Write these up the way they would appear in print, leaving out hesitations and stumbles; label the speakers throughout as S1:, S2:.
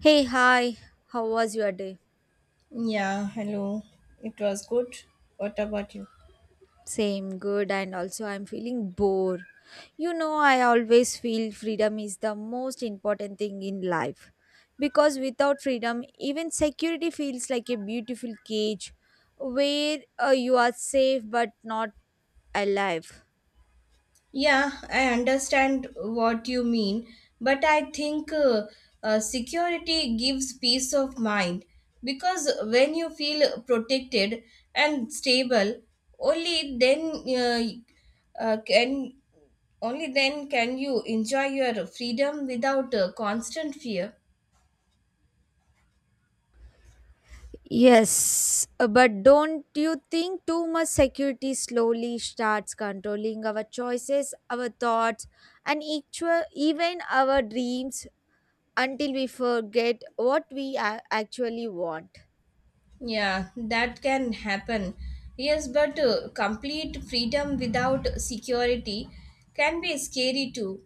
S1: Hey, hi. How was your day?
S2: Yeah, hello. It was good. What about you?
S1: Same, good, and also I'm feeling bored. You know, I always feel freedom is the most important thing in life. Because without freedom, even security feels like a beautiful cage where you are safe but not alive.
S2: Yeah, I understand what you mean, but I think security gives peace of mind because when you feel protected and stable, only then uh, uh, can only then can you enjoy your freedom without constant fear.
S1: Yes, but don't you think too much security slowly starts controlling our choices, our thoughts, and actual, even our dreams, until we forget what we actually want?
S2: Yeah, that can happen. Yes, but complete freedom without security can be scary too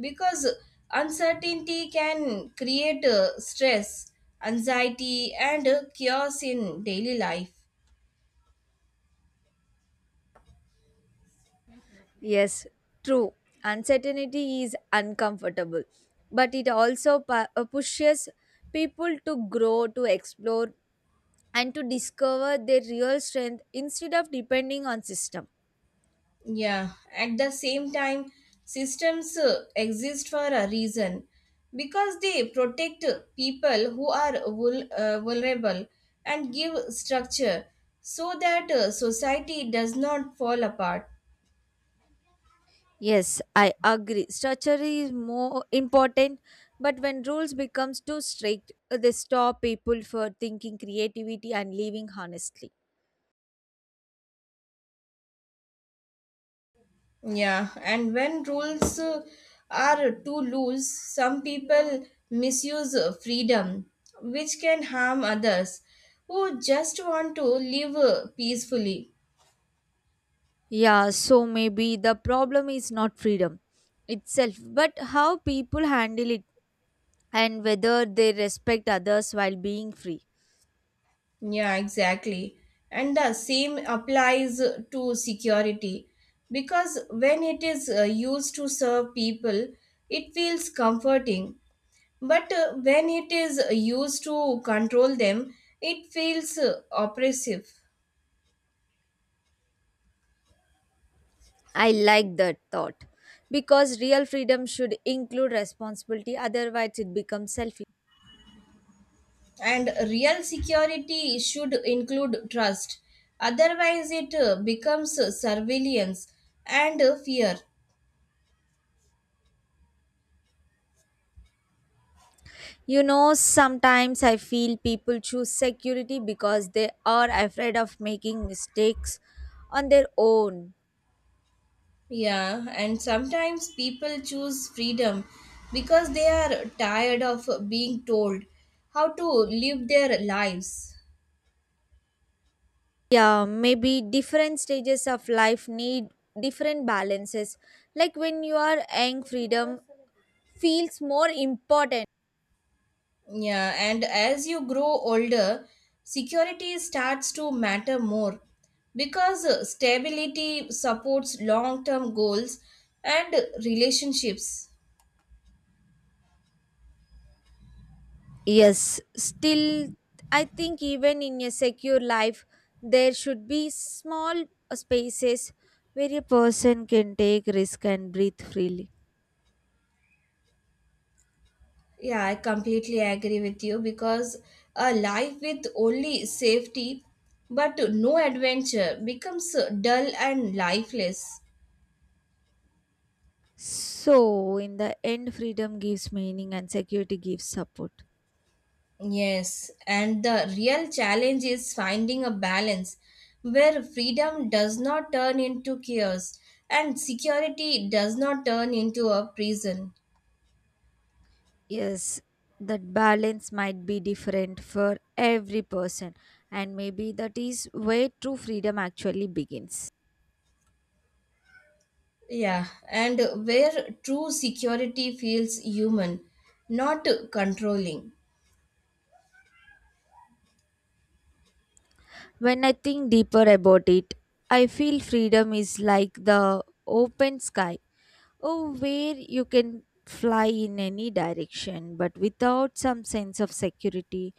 S2: because uncertainty can create stress, anxiety, and chaos in daily life.
S1: Yes, true. Uncertainty is uncomfortable, but it also pushes people to grow, to explore, and to discover their real strength instead of depending on system.
S2: Yeah, at the same time, systems exist for a reason because they protect people who are vulnerable and give structure so that society does not fall apart.
S1: Yes, I agree. Structure is more important, but when rules becomes too strict, they stop people for thinking creativity and living honestly.
S2: Yeah, and when rules are too loose, some people misuse freedom, which can harm others who just want to live peacefully.
S1: Yeah, so maybe the problem is not freedom itself, but how people handle it and whether they respect others while being free.
S2: Yeah, exactly. And the same applies to security because when it is used to serve people, it feels comforting. But when it is used to control them, it feels oppressive.
S1: I like that thought because real freedom should include responsibility, otherwise, it becomes selfish.
S2: And real security should include trust. Otherwise, it becomes surveillance and fear.
S1: You know, sometimes I feel people choose security because they are afraid of making mistakes on their own.
S2: Yeah, and sometimes people choose freedom because they are tired of being told how to live their lives.
S1: Yeah, maybe different stages of life need different balances, like when you are young, freedom feels more important.
S2: Yeah, and as you grow older, security starts to matter more because stability supports long term goals and relationships.
S1: Yes, still, I think even in a secure life there should be small spaces where a person can take risk and breathe freely.
S2: Yeah, I completely agree with you because a life with only safety but no adventure becomes dull and lifeless.
S1: So in the end, freedom gives meaning and security gives support.
S2: Yes, and the real challenge is finding a balance where freedom does not turn into chaos and security does not turn into a prison.
S1: Yes, that balance might be different for every person, and maybe that is where true freedom actually begins.
S2: Yeah, and where true security feels human, not controlling.
S1: When I think deeper about it, I feel freedom is like the open sky, oh, where you can fly in any direction, but without some sense of security,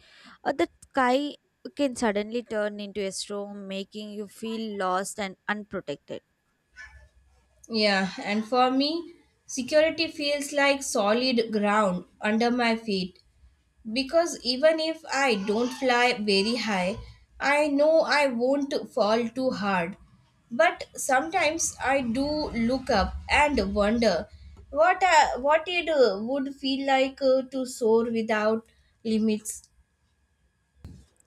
S1: or the sky can suddenly turn into a storm, making you feel lost and unprotected.
S2: Yeah, and for me, security feels like solid ground under my feet because even if I don't fly very high, I know I won't fall too hard. But sometimes I do look up and wonder what it would feel like to soar without limits.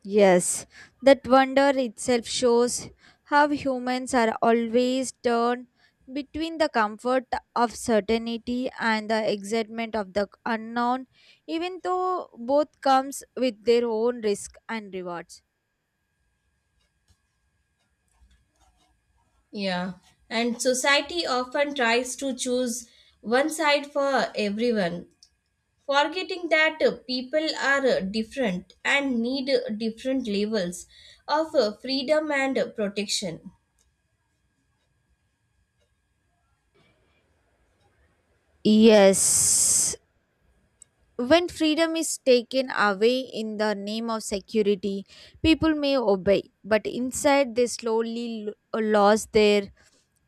S1: Yes, that wonder itself shows how humans are always torn between the comfort of certainty and the excitement of the unknown, even though both comes with their own risk and rewards.
S2: Yeah, and society often tries to choose one side for everyone, forgetting that people are different and need different levels of freedom and protection.
S1: Yes. When freedom is taken away in the name of security, people may obey, but inside they slowly lose their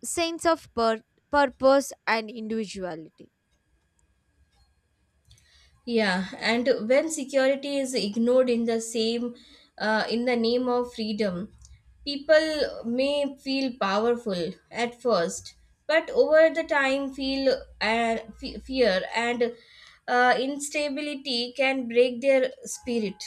S1: sense of purpose and individuality.
S2: Yeah, and when security is ignored in the name of freedom, people may feel powerful at first but over the time feel fear and instability can break their spirit.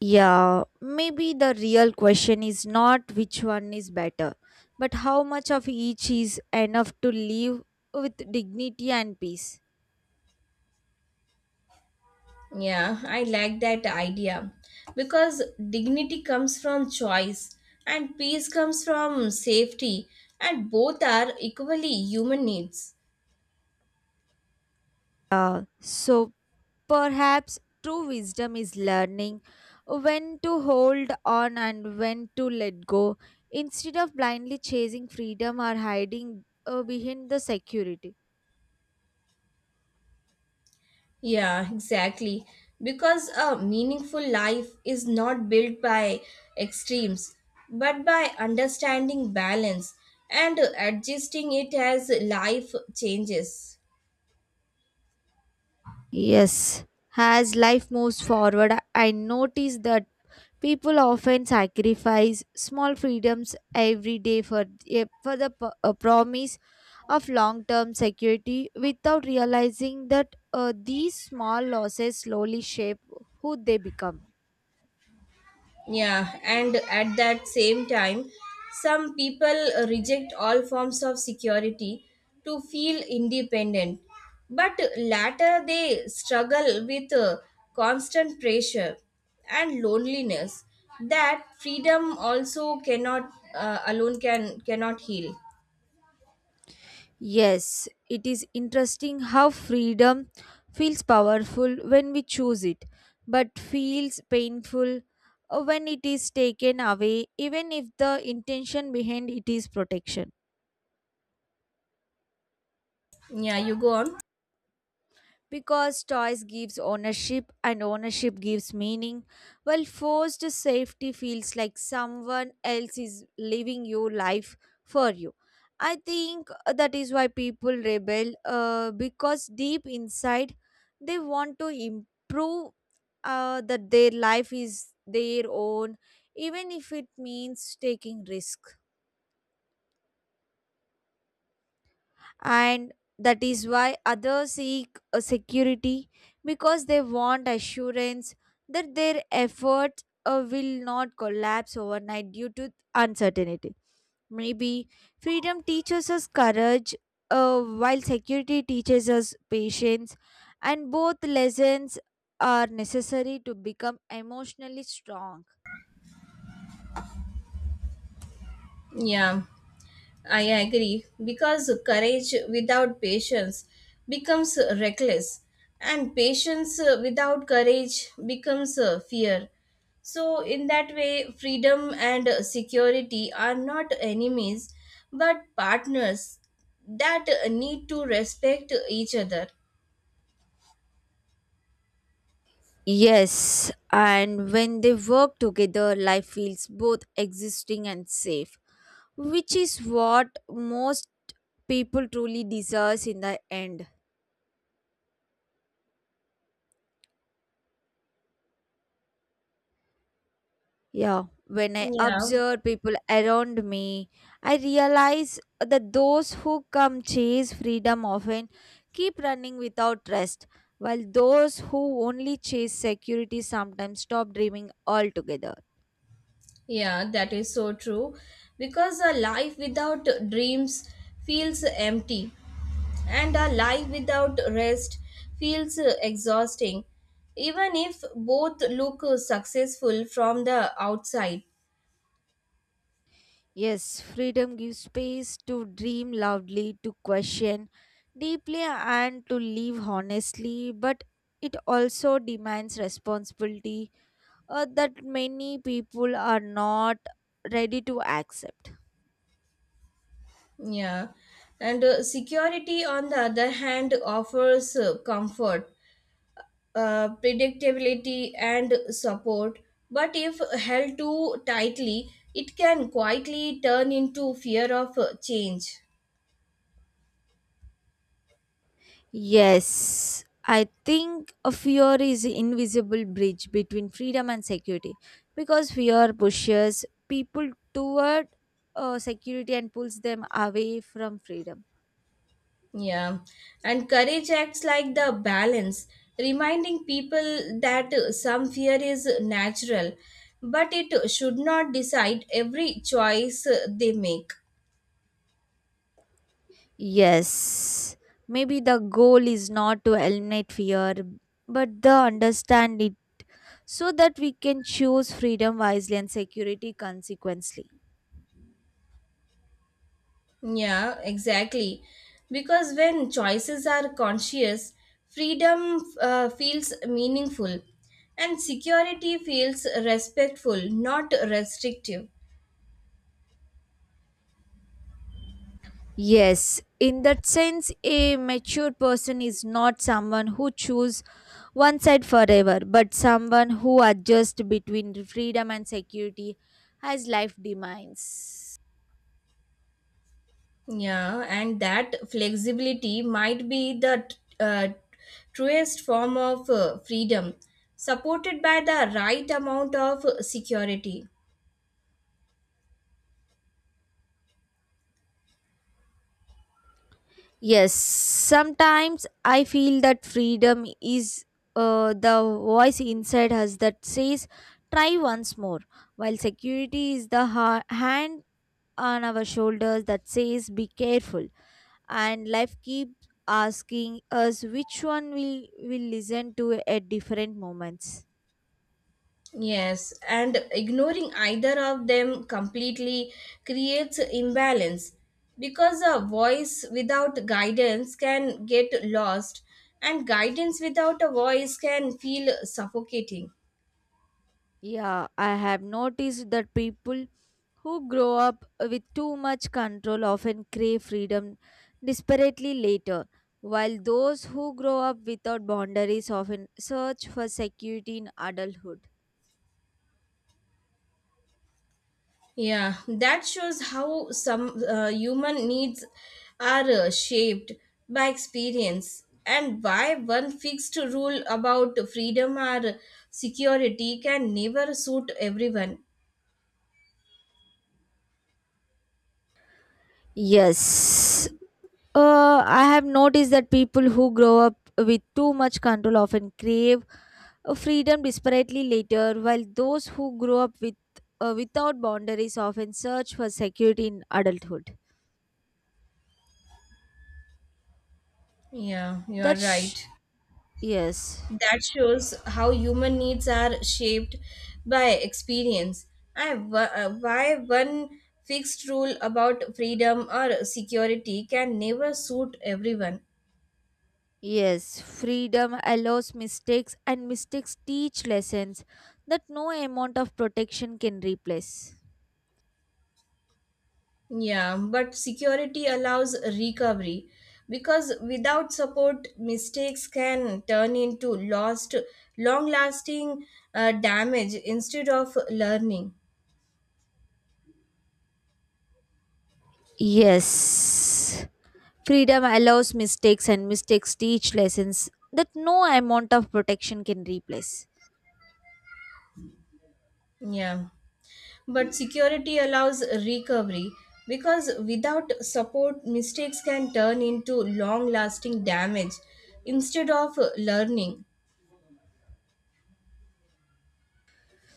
S1: Yeah, maybe the real question is not which one is better, but how much of each is enough to live with dignity and peace.
S2: Yeah, I like that idea because dignity comes from choice and peace comes from safety, and both are equally human needs.
S1: So perhaps true wisdom is learning when to hold on and when to let go instead of blindly chasing freedom or hiding behind the security.
S2: Yeah, exactly. Because a meaningful life is not built by extremes but by understanding balance and adjusting it as life changes.
S1: Yes, as life moves forward, I notice that people often sacrifice small freedoms every day for, eh, for the promise of long term security without realizing that these small losses slowly shape who they become.
S2: Yeah, and at that same time, some people reject all forms of security to feel independent, but later they struggle with constant pressure and loneliness that freedom also cannot alone can cannot heal.
S1: Yes, it is interesting how freedom feels powerful when we choose it, but feels painful when it is taken away, even if the intention behind it is protection.
S2: Yeah, you go on.
S1: Because toys gives ownership and ownership gives meaning, while forced safety feels like someone else is living your life for you. I think that is why people rebel, because deep inside they want to improve that their life is their own, even if it means taking risk. And that is why others seek a security, because they want assurance that their efforts will not collapse overnight due to uncertainty. Maybe freedom teaches us courage, while security teaches us patience, and both lessons are necessary to become emotionally strong.
S2: Yeah. I agree because courage without patience becomes reckless, and patience without courage becomes fear. So, in that way, freedom and security are not enemies but partners that need to respect each other.
S1: Yes, and when they work together, life feels both existing and safe, which is what most people truly deserves in the end. Yeah, when I
S2: Yeah,
S1: observe people around me, I realize that those who come chase freedom often keep running without rest, while those who only chase security sometimes stop dreaming altogether.
S2: yeah, that is so true because a life without dreams feels empty and a life without rest feels exhausting, even if both look successful from the outside.
S1: Yes, freedom gives space to dream loudly, to question deeply, and to live honestly, but it also demands responsibility that many people are not ready to accept.
S2: Yeah. And security, on the other hand, offers comfort, predictability, and support. But if held too tightly, it can quietly turn into fear of change.
S1: Yes, I think a fear is invisible bridge between freedom and security, because fear pushes people toward security and pulls them away from freedom.
S2: Yeah, and courage acts like the balance, reminding people that some fear is natural, but it should not decide every choice they make.
S1: Yes, maybe the goal is not to eliminate fear, but the understand it so that we can choose freedom wisely and security consequently.
S2: Yeah, exactly. Because when choices are conscious, freedom feels meaningful and security feels respectful, not restrictive.
S1: Yes, in that sense, a mature person is not someone who chooses one side forever, but someone who adjusts between freedom and security as life demands.
S2: Yeah, and that flexibility might be the uh, truest form of freedom, supported by the right amount of security.
S1: Yes, sometimes I feel that freedom is the voice inside us that says, try once more, while security is the hand on our shoulders that says, be careful. And life keeps asking us which one we will listen to at different moments.
S2: Yes, and ignoring either of them completely creates imbalance because a voice without guidance can get lost, and guidance without a voice can feel suffocating.
S1: Yeah, I have noticed that people who grow up with too much control often crave freedom desperately later, while those who grow up without boundaries often search for security in adulthood.
S2: Yeah, that shows how some human needs are shaped by experience and why one fixed rule about freedom or security can never suit everyone.
S1: Yes, I have noticed that people who grow up with too much control often crave freedom desperately later, while those who grow up with without boundaries often search for security in adulthood.
S2: Yeah, you are
S1: That's
S2: right.
S1: yes.
S2: That shows how human needs are shaped by experience and why one fixed rule about freedom or security can never suit everyone.
S1: Yes, freedom allows mistakes, and mistakes teach lessons that no amount of protection can replace.
S2: Yeah, but security allows recovery because without support, mistakes can turn into lost, long-lasting damage instead of learning.
S1: Yes, freedom allows mistakes, and mistakes teach lessons that no amount of protection can replace.
S2: Yeah, but security allows recovery because without support, mistakes can turn into long-lasting damage instead of learning.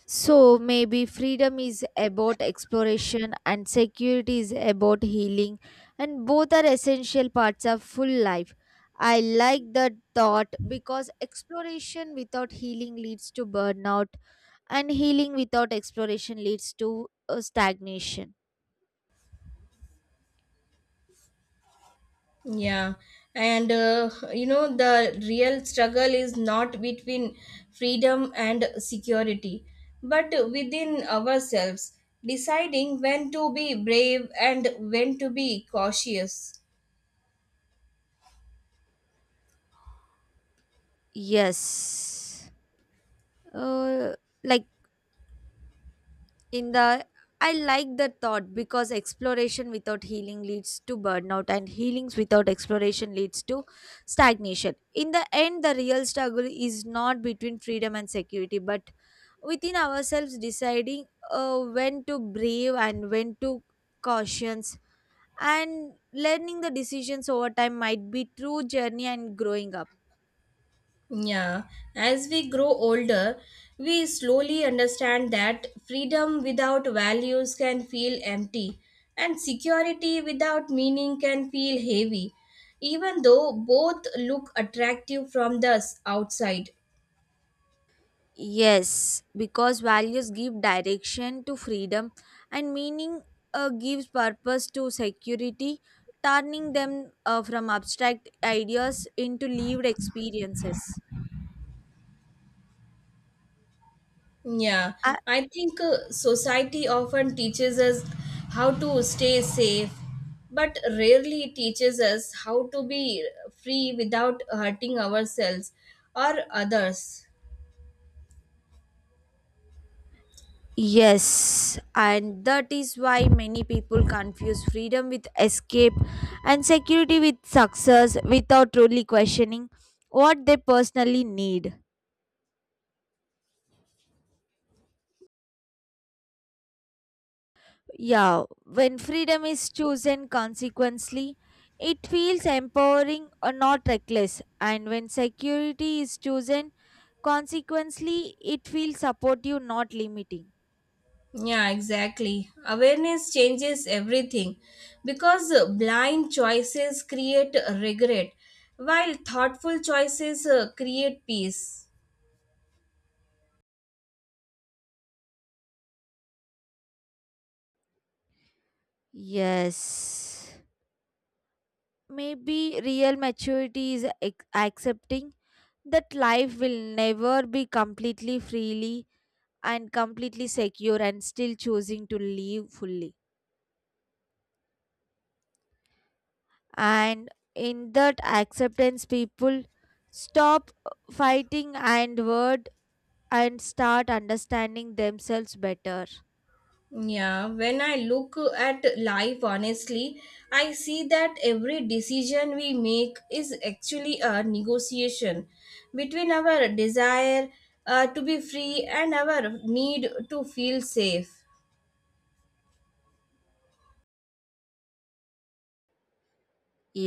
S1: So maybe freedom is about exploration, and security is about healing, and both are essential parts of full life. I like that thought because exploration without healing leads to burnout and healing without exploration leads to stagnation.
S2: Yeah, and you know, the real struggle is not between freedom and security, but within ourselves, deciding when to be brave and when to be cautious.
S1: Yes. Uh, like in the, I like that thought because exploration without healing leads to burnout and healings without exploration leads to stagnation. In the end, the real struggle is not between freedom and security but within ourselves, deciding when to brave and when to caution, and learning the decisions over time might be true journey and growing up.
S2: Yeah, as we grow older, we slowly understand that freedom without values can feel empty, and security without meaning can feel heavy, even though both look attractive from the outside.
S1: Yes, because values give direction to freedom and meaning gives purpose to security, turning them from abstract ideas into lived experiences.
S2: Yeah,
S1: Uh,
S2: I think society often teaches us how to stay safe, but rarely teaches us how to be free without hurting ourselves or others.
S1: yes, and that is why many people confuse freedom with escape and security with success without truly questioning what they personally need. Yeah, when freedom is chosen consequently, it feels empowering or not reckless. And when security is chosen consequently, it feels supportive, not limiting.
S2: Yeah, exactly. Awareness changes everything because blind choices create regret, while thoughtful choices create peace.
S1: Yes. Maybe real maturity is accepting that life will never be completely freely and completely secure, and still choosing to live fully. And in that acceptance, people stop fighting and word and start understanding themselves better.
S2: Yeah, when I look at life honestly, I see that every decision we make is actually a negotiation between our desire to be free and our need to feel safe.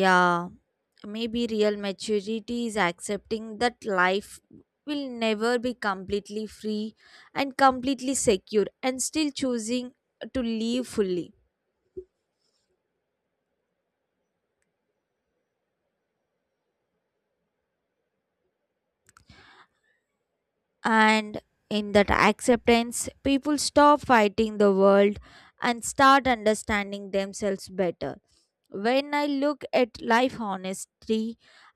S1: Yeah, maybe real maturity is accepting that life will never be completely free and completely secure, and still choosing to live fully. And in that acceptance, people stop fighting the world and start understanding themselves better. When I look at life honestly,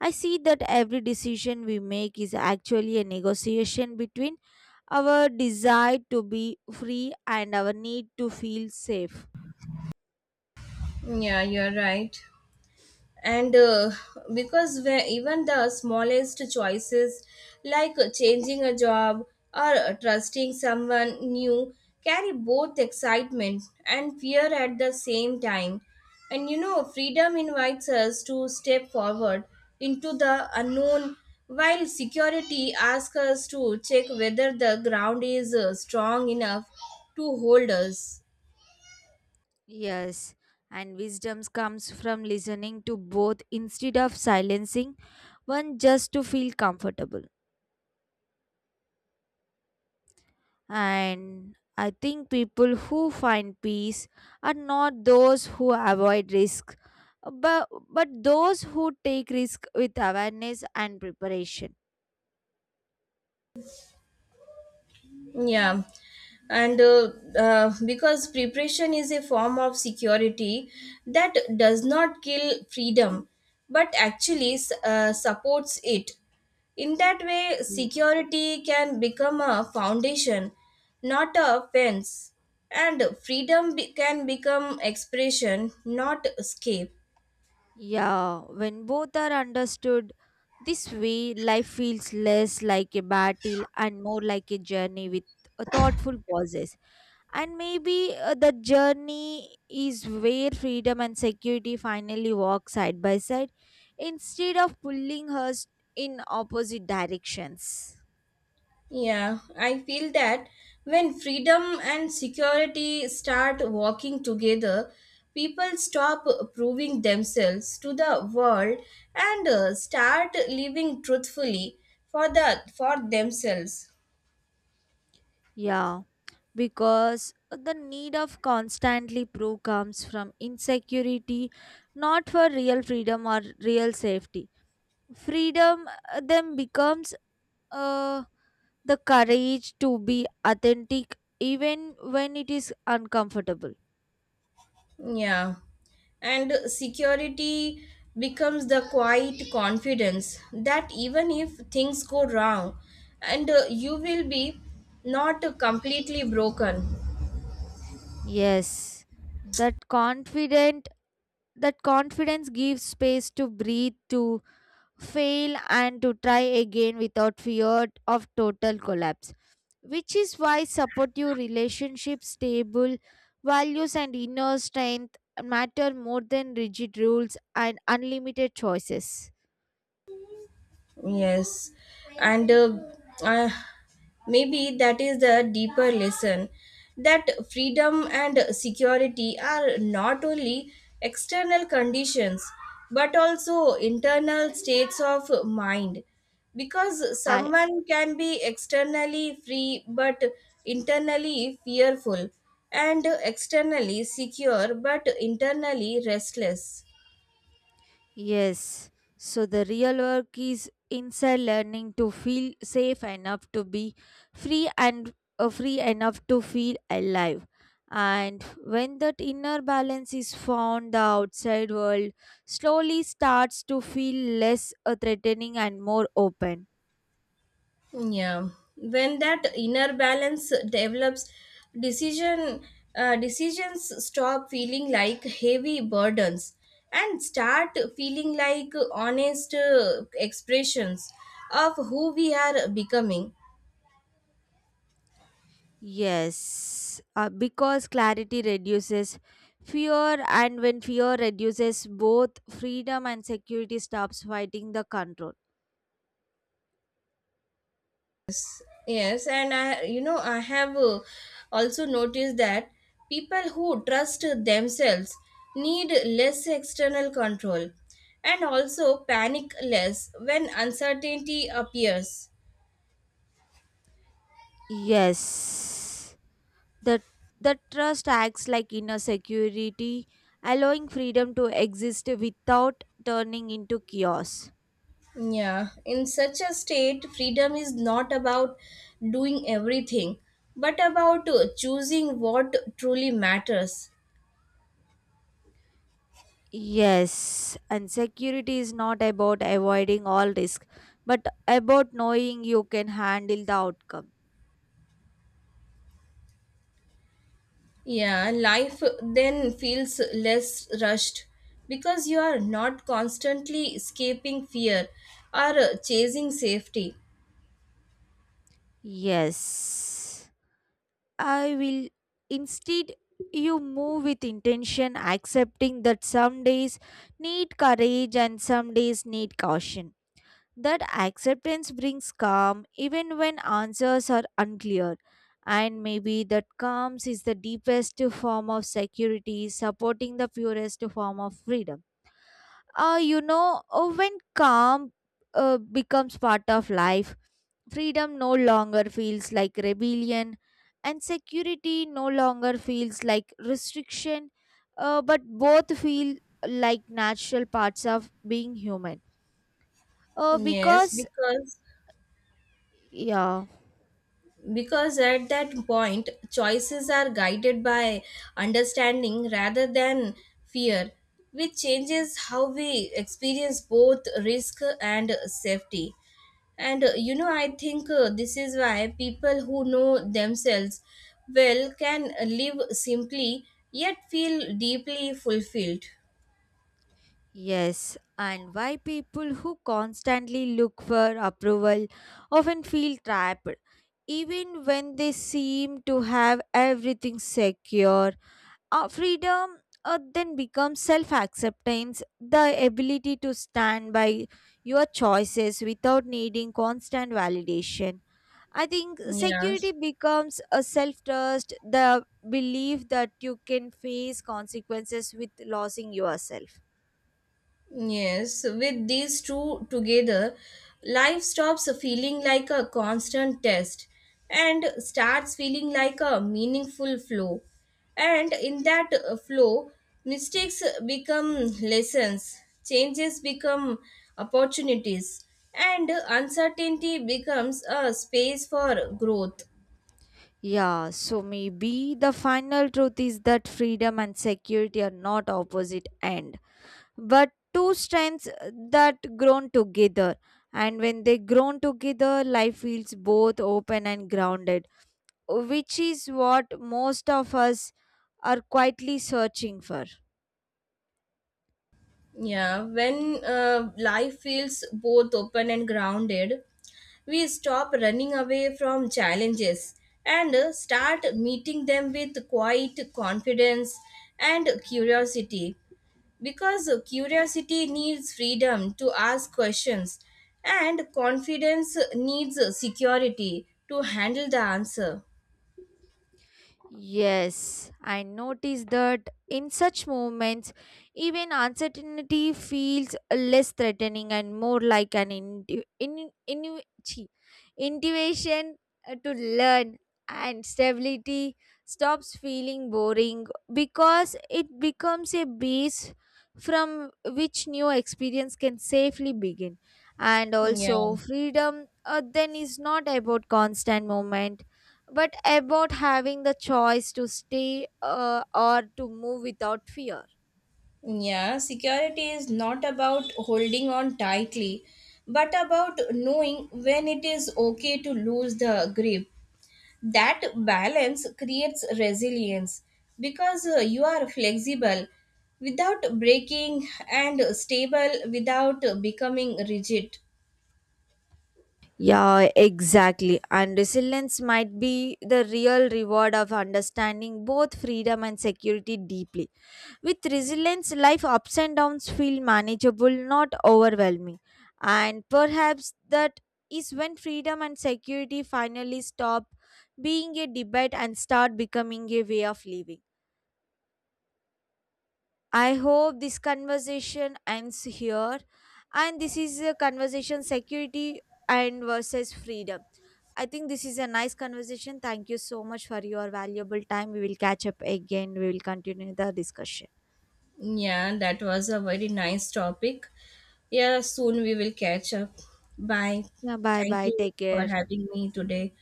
S1: I see that every decision we make is actually a negotiation between our desire to be free and our need to feel safe.
S2: Yeah, you're right. And because where even the smallest choices like changing a job or trusting someone new carry both excitement and fear at the same time. And you know, freedom invites us to step forward into the unknown while security asks us to check whether the ground is strong enough to hold us.
S1: Yes, and wisdom comes from listening to both instead of silencing one just to feel comfortable. And I think people who find peace are not those who avoid risk, but those who take risk with awareness and preparation.
S2: Yeah, and because preparation is a form of security that does not kill freedom but actually supports it. In that way,
S1: Ye-
S2: security can become a foundation, not a fence, and can become expression, not escape.
S1: yeah, when both are understood, this way life feels less like a battle and more like a journey with a thoughtful pauses. And maybe the journey is where freedom and security finally walk side by side instead of pulling us in opposite directions.
S2: Yeah, I feel that when freedom and security start walking together, people stop proving themselves to the world and start living truthfully for themselves.
S1: Yeah, because the need of constantly proof comes from insecurity, not for real freedom or real safety. Freedom then becomes uh, the courage to be authentic even when it is uncomfortable.
S2: Yeah. And security becomes the quiet confidence that even if things go wrong and you will be not completely broken.
S1: Yes, that confident that confidence gives space to breathe, to fail and to try again without fear of total collapse, which is why supportive relationships, stable values and inner strength matter more than rigid rules and unlimited choices.
S2: Yes, and uh, maybe that is the deeper lesson that freedom and security are not only external conditions but also internal states of mind, because
S1: I,
S2: someone can be externally free but internally fearful and externally secure but internally restless.
S1: yes, so the real work is inside learning to feel safe enough to be free and free enough to feel alive. And when that inner balance is found, the outside world slowly starts to feel less threatening and more open.
S2: Yeah, when that inner balance develops, decision decisions stop feeling like heavy burdens and start feeling like honest expressions of who we are becoming.
S1: Yes, because clarity reduces fear, and when fear reduces, both freedom and security stops fighting the control.
S2: Yes, and I, you know, I have also noticed that people who trust themselves need less external control and also panic less when uncertainty appears.
S1: Yes, the the trust acts like inner security, allowing freedom to exist without turning into chaos.
S2: Yeah, in such a state, freedom is not about doing everything, but about choosing what truly matters.
S1: Yes, and security is not about avoiding all risk, but about knowing you can handle the outcome.
S2: Yeah, life then feels less rushed because you are not constantly escaping fear or chasing safety.
S1: Yes, I will. Instead, you move with intention, accepting that some days need courage and some days need caution. That acceptance brings calm even when answers are unclear. And maybe that calm is the deepest form of security, supporting the purest form of freedom. You know, when calm becomes part of life, freedom no longer feels like rebellion, and security no longer feels like restriction, but both feel like natural parts of being human.
S2: Yes,
S1: Because,
S2: because
S1: yeah.
S2: because at that point choices are guided by understanding rather than fear, which changes how we experience both risk and safety. And you know, I think this is why people who know themselves well can live simply yet feel deeply fulfilled.
S1: Yes, and why people who constantly look for approval often feel trapped, even when they seem to have everything secure. Freedom then becomes self acceptance, the ability to stand by your choices without needing constant validation. I think
S2: Yeah.
S1: security becomes a self trust, the belief that you can face consequences with losing yourself.
S2: Yes, with these two together, life stops feeling like a constant test and starts feeling like a meaningful flow. And in that flow, mistakes become lessons, changes become opportunities, and uncertainty becomes a space for growth.
S1: Yeah, so maybe the final truth is that freedom and security are not opposite end, but two strengths that grown together. And when they grown together, life feels both open and grounded, which is what most of us are quietly searching for.
S2: Yeah, when life feels both open and grounded, we stop running away from challenges and start meeting them with quiet confidence and curiosity. Because curiosity needs freedom to ask questions, and confidence needs security to handle the answer.
S1: Yes, I noticed that in such moments, even uncertainty feels less threatening and more like an chi- intuition to learn, and stability stops feeling boring because it becomes a base from which new experience can safely begin. And
S2: Yeah.
S1: also, freedom then is not about constant movement but about having the choice to stay or to move without fear.
S2: Yeah, security is not about holding on tightly, but about knowing when it is okay to lose the grip. That balance creates resilience because you are flexible without breaking and stable without becoming rigid.
S1: Yeah, exactly. And resilience might be the real reward of understanding both freedom and security deeply. With resilience, life ups and downs feel manageable, not overwhelming. And perhaps that is when freedom and security finally stop being a debate and start becoming a way of living. I hope this conversation ends here. And this is a conversation security and versus freedom. I think this is a nice conversation. Thank you so much for your valuable time. We will catch up again. We will continue the discussion.
S2: Yeah, that was a very nice topic. Yeah, soon we will catch up. Bye.
S1: Yeah, bye
S2: Thank
S1: bye.
S2: you
S1: Take
S2: for
S1: care.
S2: having me today.